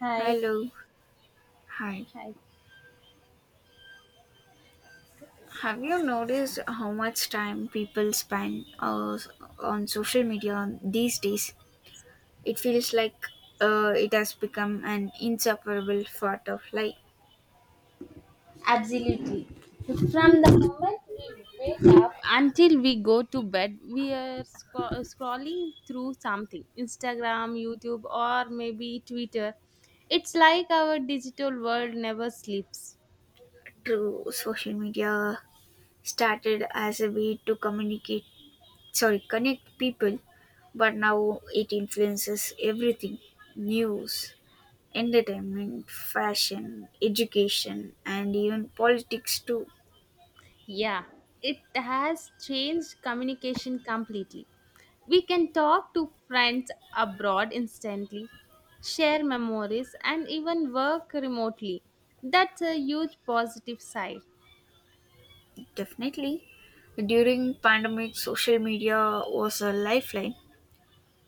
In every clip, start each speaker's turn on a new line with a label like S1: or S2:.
S1: Hi,
S2: Hello, hi.
S1: hi.
S2: Have you noticed how much time people spend on social media these days? It feels like it has become an inseparable part of life.
S1: Absolutely. From the moment we wake up until we go to bed, we are scrolling through something Instagram, YouTube, or maybe Twitter. It's like our digital world never sleeps.
S2: True, social media started as a way to communicate, sorry, connect people, but now it influences everything: news, entertainment, fashion, education, and even politics too.
S1: Yeah, it has changed communication completely. We can talk to friends abroad instantly, share memories, and even work remotely. That's a huge positive side.
S2: Definitely. During pandemic, social media was a lifeline.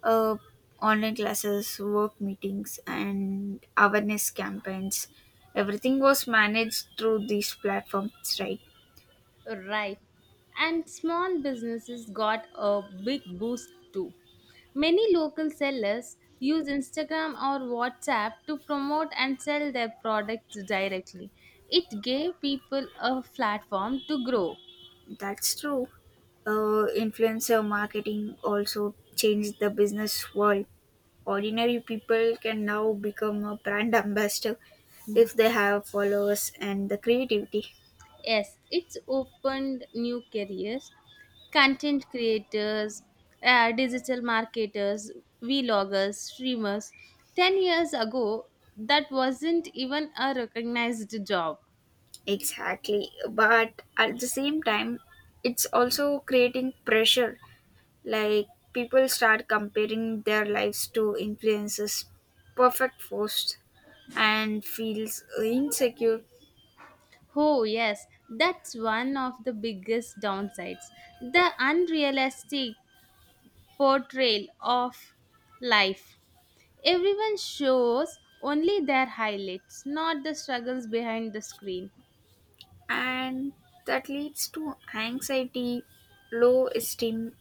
S2: Uh, Online classes, work meetings, and awareness campaigns. Everything was managed through these platforms, right?
S1: Right. And small businesses got a big boost too. Many local sellers use Instagram or WhatsApp to promote and sell their products directly. It gave people a platform to grow.
S2: That's true. Influencer marketing also changed the business world. Ordinary people can now become a brand ambassador if they have followers and the creativity.
S1: Yes, it's opened new careers, content creators, digital marketers, vloggers, streamers. 10 years ago, that wasn't even a recognized job.
S2: Exactly. But at the same time, it's also creating pressure. Like, people start comparing their lives to influences, perfect posts, and feels insecure.
S1: Oh, yes, that's one of the biggest downsides the unrealistic portrayal of life. Everyone shows only their highlights, not the struggles behind the screen.
S2: And that leads to anxiety, low esteem,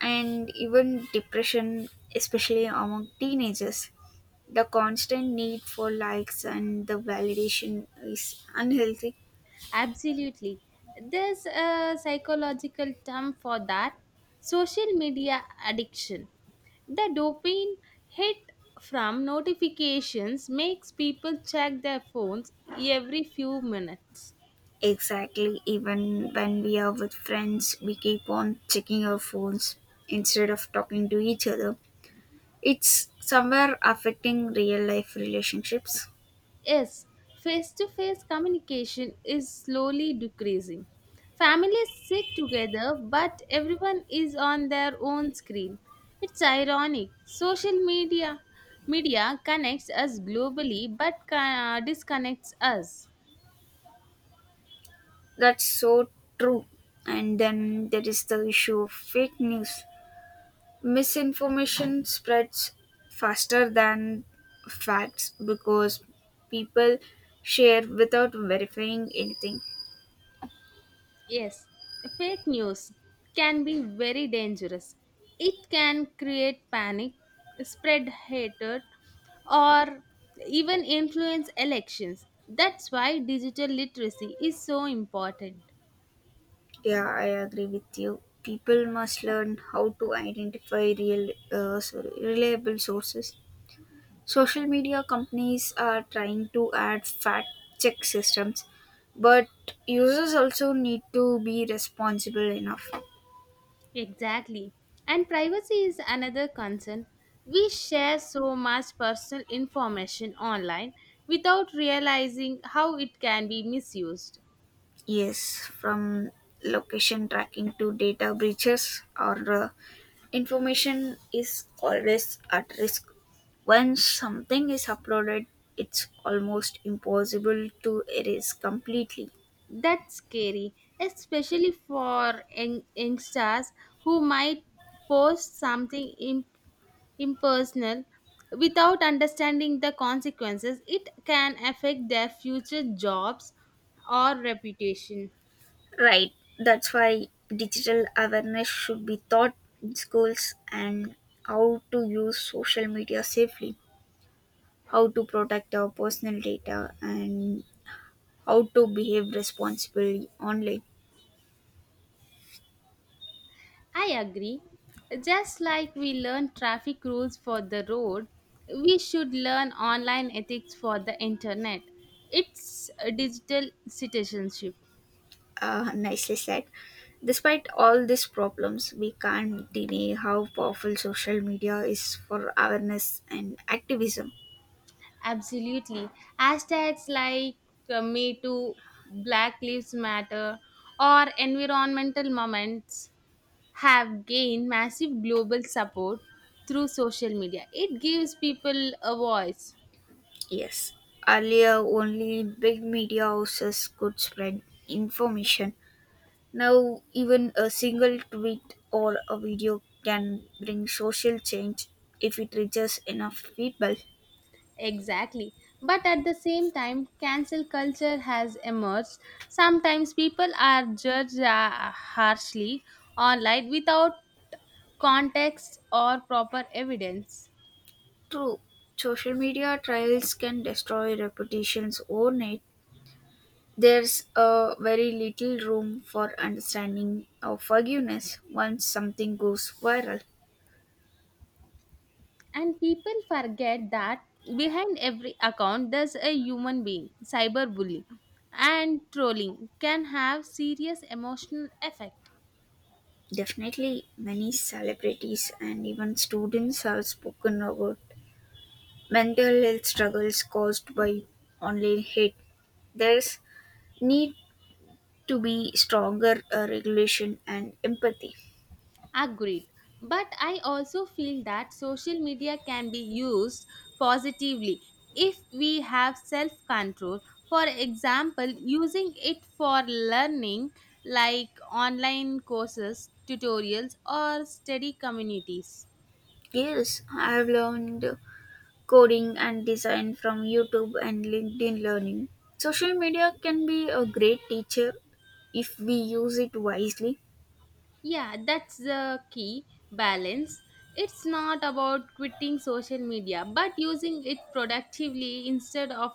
S2: and even depression, especially among teenagers. The constant need for likes and the validation is unhealthy.
S1: Absolutely. There's a psychological term for that social media addiction. The dopamine hit from notifications makes people check their phones every few minutes.
S2: Exactly. Even when we are with friends, we keep on checking our phones instead of talking to each other. It's somewhere affecting real life relationships.
S1: Yes, face to face communication is slowly decreasing. Families sit together, but everyone is on their own screen. It's ironic. Social media connects us globally but disconnects us.
S2: That's so true. And then there is the issue of fake news. Misinformation spreads faster than facts because people share without verifying anything.
S1: Yes, fake news can be very dangerous. It can create panic, spread hatred, or even influence elections. That's why digital literacy is so important.
S2: Yeah, I agree with you. People must learn how to identify real, sorry, reliable sources. Social media companies are trying to add fact check systems, but users also need to be responsible enough.
S1: Exactly. And privacy is another concern. We share so much personal information online without realizing how it can be misused.
S2: Yes, from location tracking to data breaches, or information is always at risk. Once something is uploaded, it's almost impossible to erase completely.
S1: That's scary, especially for youngsters who might post something impersonal without understanding the consequences. It can affect their future jobs or reputation.
S2: Right, that's why digital awareness should be taught in schools, and how to use social media safely, how to protect our personal data, and how to behave responsibly online.
S1: I agree. Just like we learn traffic rules for the road, we should learn online ethics for the internet. It's a digital citizenship.
S2: Nicely said. Despite all these problems, we can't deny how powerful social media is for awareness and activism.
S1: Absolutely. Hashtags like Me Too, Black Lives Matter, or environmental moments have gained massive global support through social media. It gives people a voice.
S2: Yes. Earlier, only big media houses could spread information. Now, even a single tweet or a video can bring social change if it reaches enough people.
S1: Exactly. But at the same time, cancel culture has emerged. Sometimes people are judged harshly online without context or proper evidence.
S2: True, social media trials can destroy reputations overnight. There's a very little room for understanding or forgiveness once something goes viral.
S1: And people forget that behind every account there's a human being. Cyberbullying and trolling can have serious emotional effect.
S2: Definitely, many celebrities and even students have spoken about mental health struggles caused by online hate. There's need to be stronger regulation and empathy.
S1: Agreed. But I also feel that social media can be used positively if we have self control. For example, using it for learning like online courses, tutorials, or study communities.
S2: Yes, I have learned coding and design from YouTube and LinkedIn Learning. Social media can be a great teacher if we use it wisely.
S1: Yeah, that's the key balance. It's not about quitting social media, but using it productively instead of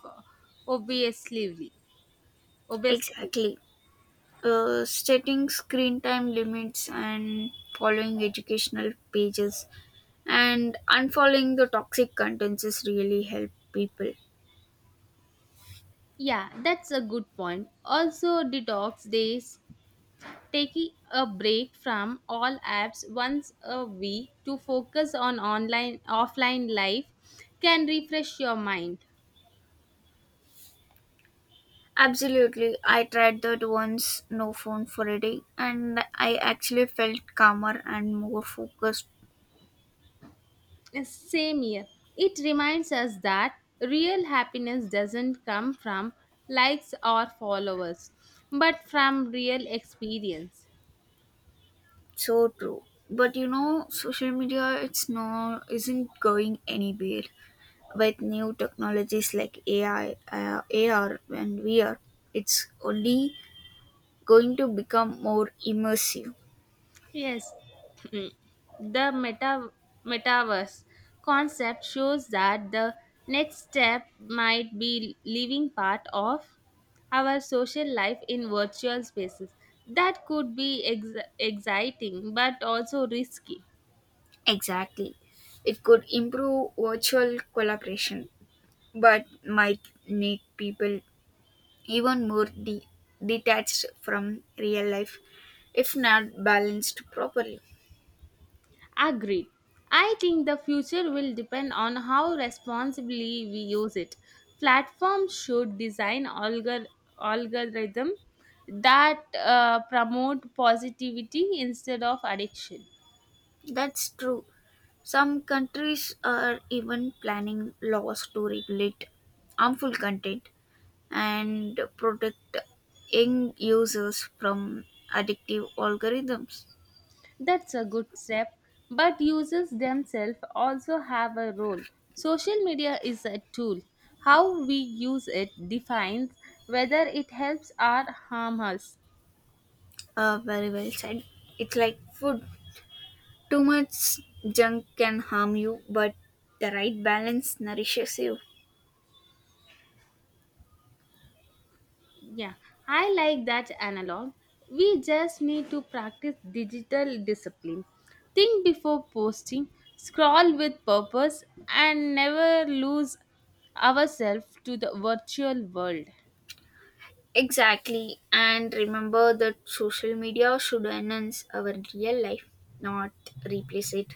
S1: obviously. Obviously.
S2: Exactly. Setting screen time limits and following educational pages and unfollowing the toxic contents is really help people.
S1: Yeah, that's a good point. Also, detox days, taking a break from all apps once a week to focus on online offline life can refresh your mind.
S2: Absolutely. I tried that once, no phone for a day, and I actually felt calmer and more focused.
S1: Same here. It reminds us that real happiness doesn't come from likes or followers, but from real experience.
S2: So true. But you know, social media it's not isn't going anywhere. With new technologies like AI, AR, and VR, it's only going to become more immersive.
S1: Yes, the metaverse concept shows that the next step might be living part of our social life in virtual spaces. That could be exciting but also risky.
S2: Exactly. It could improve virtual collaboration, but might make people even more detached from real life if not balanced properly.
S1: Agreed. I think the future will depend on how responsibly we use it. Platforms should design algorithm that promote positivity instead of addiction.
S2: That's true. Some countries are even planning laws to regulate harmful content and protect young users from addictive algorithms.
S1: That's a good step, but users themselves also have a role. Social media is a tool. How we use it defines whether it helps or harms us.
S2: Very well said. It's like food. Too much junk can harm you, but the right balance nourishes you.
S1: Yeah, I like that analog. We just need to practice digital discipline. Think before posting, scroll with purpose, and never lose ourselves to the virtual world.
S2: Exactly. And remember that social media should enhance our real life, not replace it.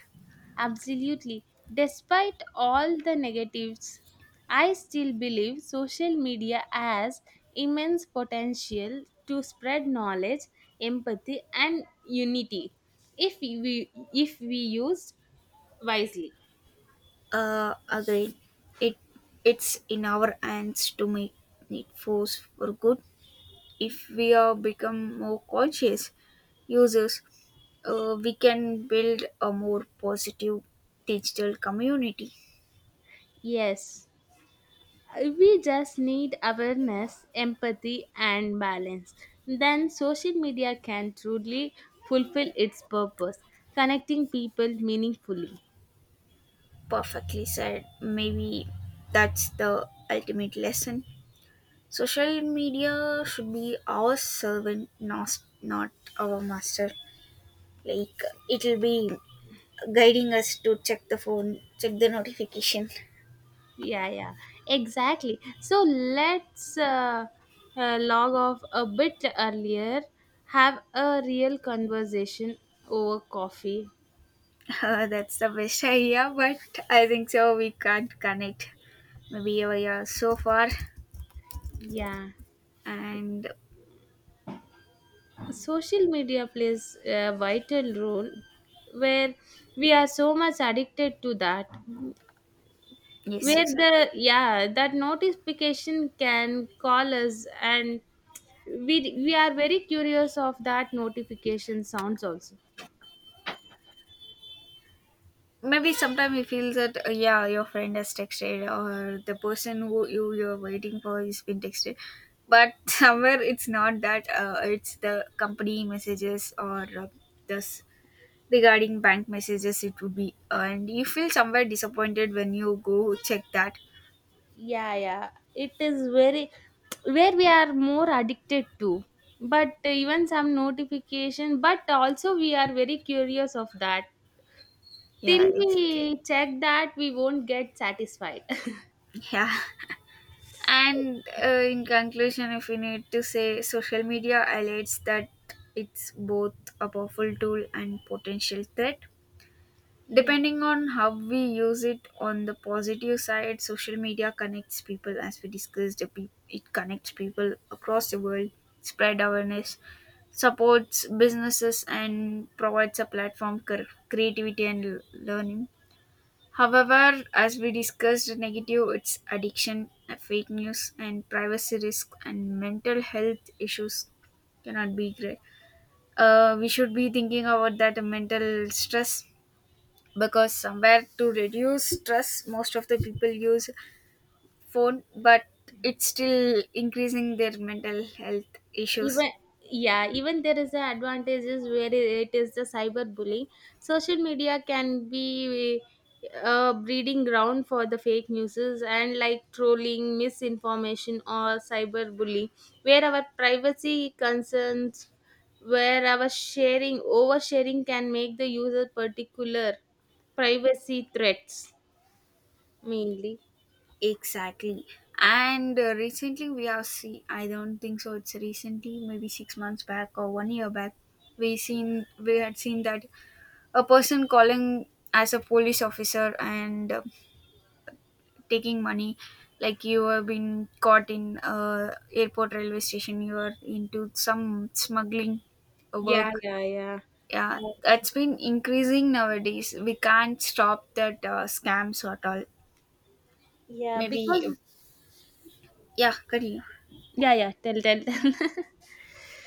S1: Absolutely. Despite all the negatives, I still believe social media has immense potential to spread knowledge, empathy, and unity if we used wisely.
S2: Again, it it's in our hands to make it force for good. If we are become more conscious users, we can build a more positive digital community.
S1: Yes, we just need awareness, empathy, and balance. Then social media can truly fulfill its purpose, connecting people meaningfully.
S2: Perfectly said. Maybe that's the ultimate lesson. Social media should be our servant, not our master. Like, it'll be guiding us to check the phone, check the notification.
S1: Yeah, yeah, exactly. So let's log off a bit earlier, have a real conversation over coffee.
S2: That's the best idea, but I think so. We can't connect. Maybe we are so far,
S1: Yeah,
S2: and
S1: social media plays a vital role where we are so much addicted to that.
S2: yes,
S1: Where
S2: exactly.
S1: the yeah, that notification can call us, and we are very curious of that notification sounds also.
S2: Maybe sometimes you feel that yeah, your friend has texted, or the person who you're waiting for is been texted, but somewhere it's not that. It's the company messages, or this regarding bank messages. It would be, and you feel somewhere disappointed when you go check that.
S1: Yeah, yeah, it is very where we are more addicted to. But even some notification, but also we are very curious of that.
S2: Yeah,
S1: Till
S2: exactly.
S1: we check that, we won't get satisfied.
S2: Yeah. And in conclusion, if we need to say, social media highlights that it's both a powerful tool and potential threat.
S1: Yeah.
S2: Depending on how we use it, on the positive side, social media connects people, as we discussed, the it connects people across the world, spread awareness, supports businesses, and provides a platform for creativity and learning. However, as we discussed, negative its addiction, fake news, and privacy risk and mental health issues cannot be great. We should be thinking about that mental stress because somewhere to reduce stress, most of the people use phone, but it's still increasing their mental health issues.
S1: Even yeah even there is a advantages where it is the cyber bullying, social media can be a breeding ground for the fake news and like trolling misinformation or cyber bullying where our privacy concerns where our sharing oversharing can make the user particular privacy threats mainly.
S2: Exactly. And recently we have seen, I don't think so, it's recently, maybe 6 months back or one year back, we had seen that a person calling as a police officer and taking money, like you have been caught in airport railway station, you are into some smuggling
S1: Yeah,
S2: work.
S1: yeah, yeah.
S2: Yeah, that's been increasing nowadays. We can't stop that scams at all.
S1: Yeah,
S2: Maybe,
S1: because
S2: yeah, continue.
S1: yeah, yeah, tell.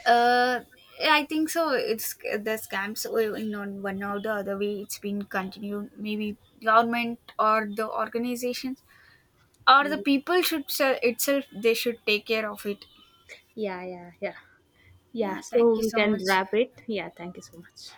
S2: Uh, I think so. It's the scams in on one or the other way. It's been continued. Maybe government or the organizations or the people itself. They should take care of it.
S1: Yeah, yeah, yeah. Yeah,
S2: Yeah.
S1: so
S2: Thank you
S1: we
S2: so
S1: can
S2: much.
S1: wrap it. Yeah, thank you so much.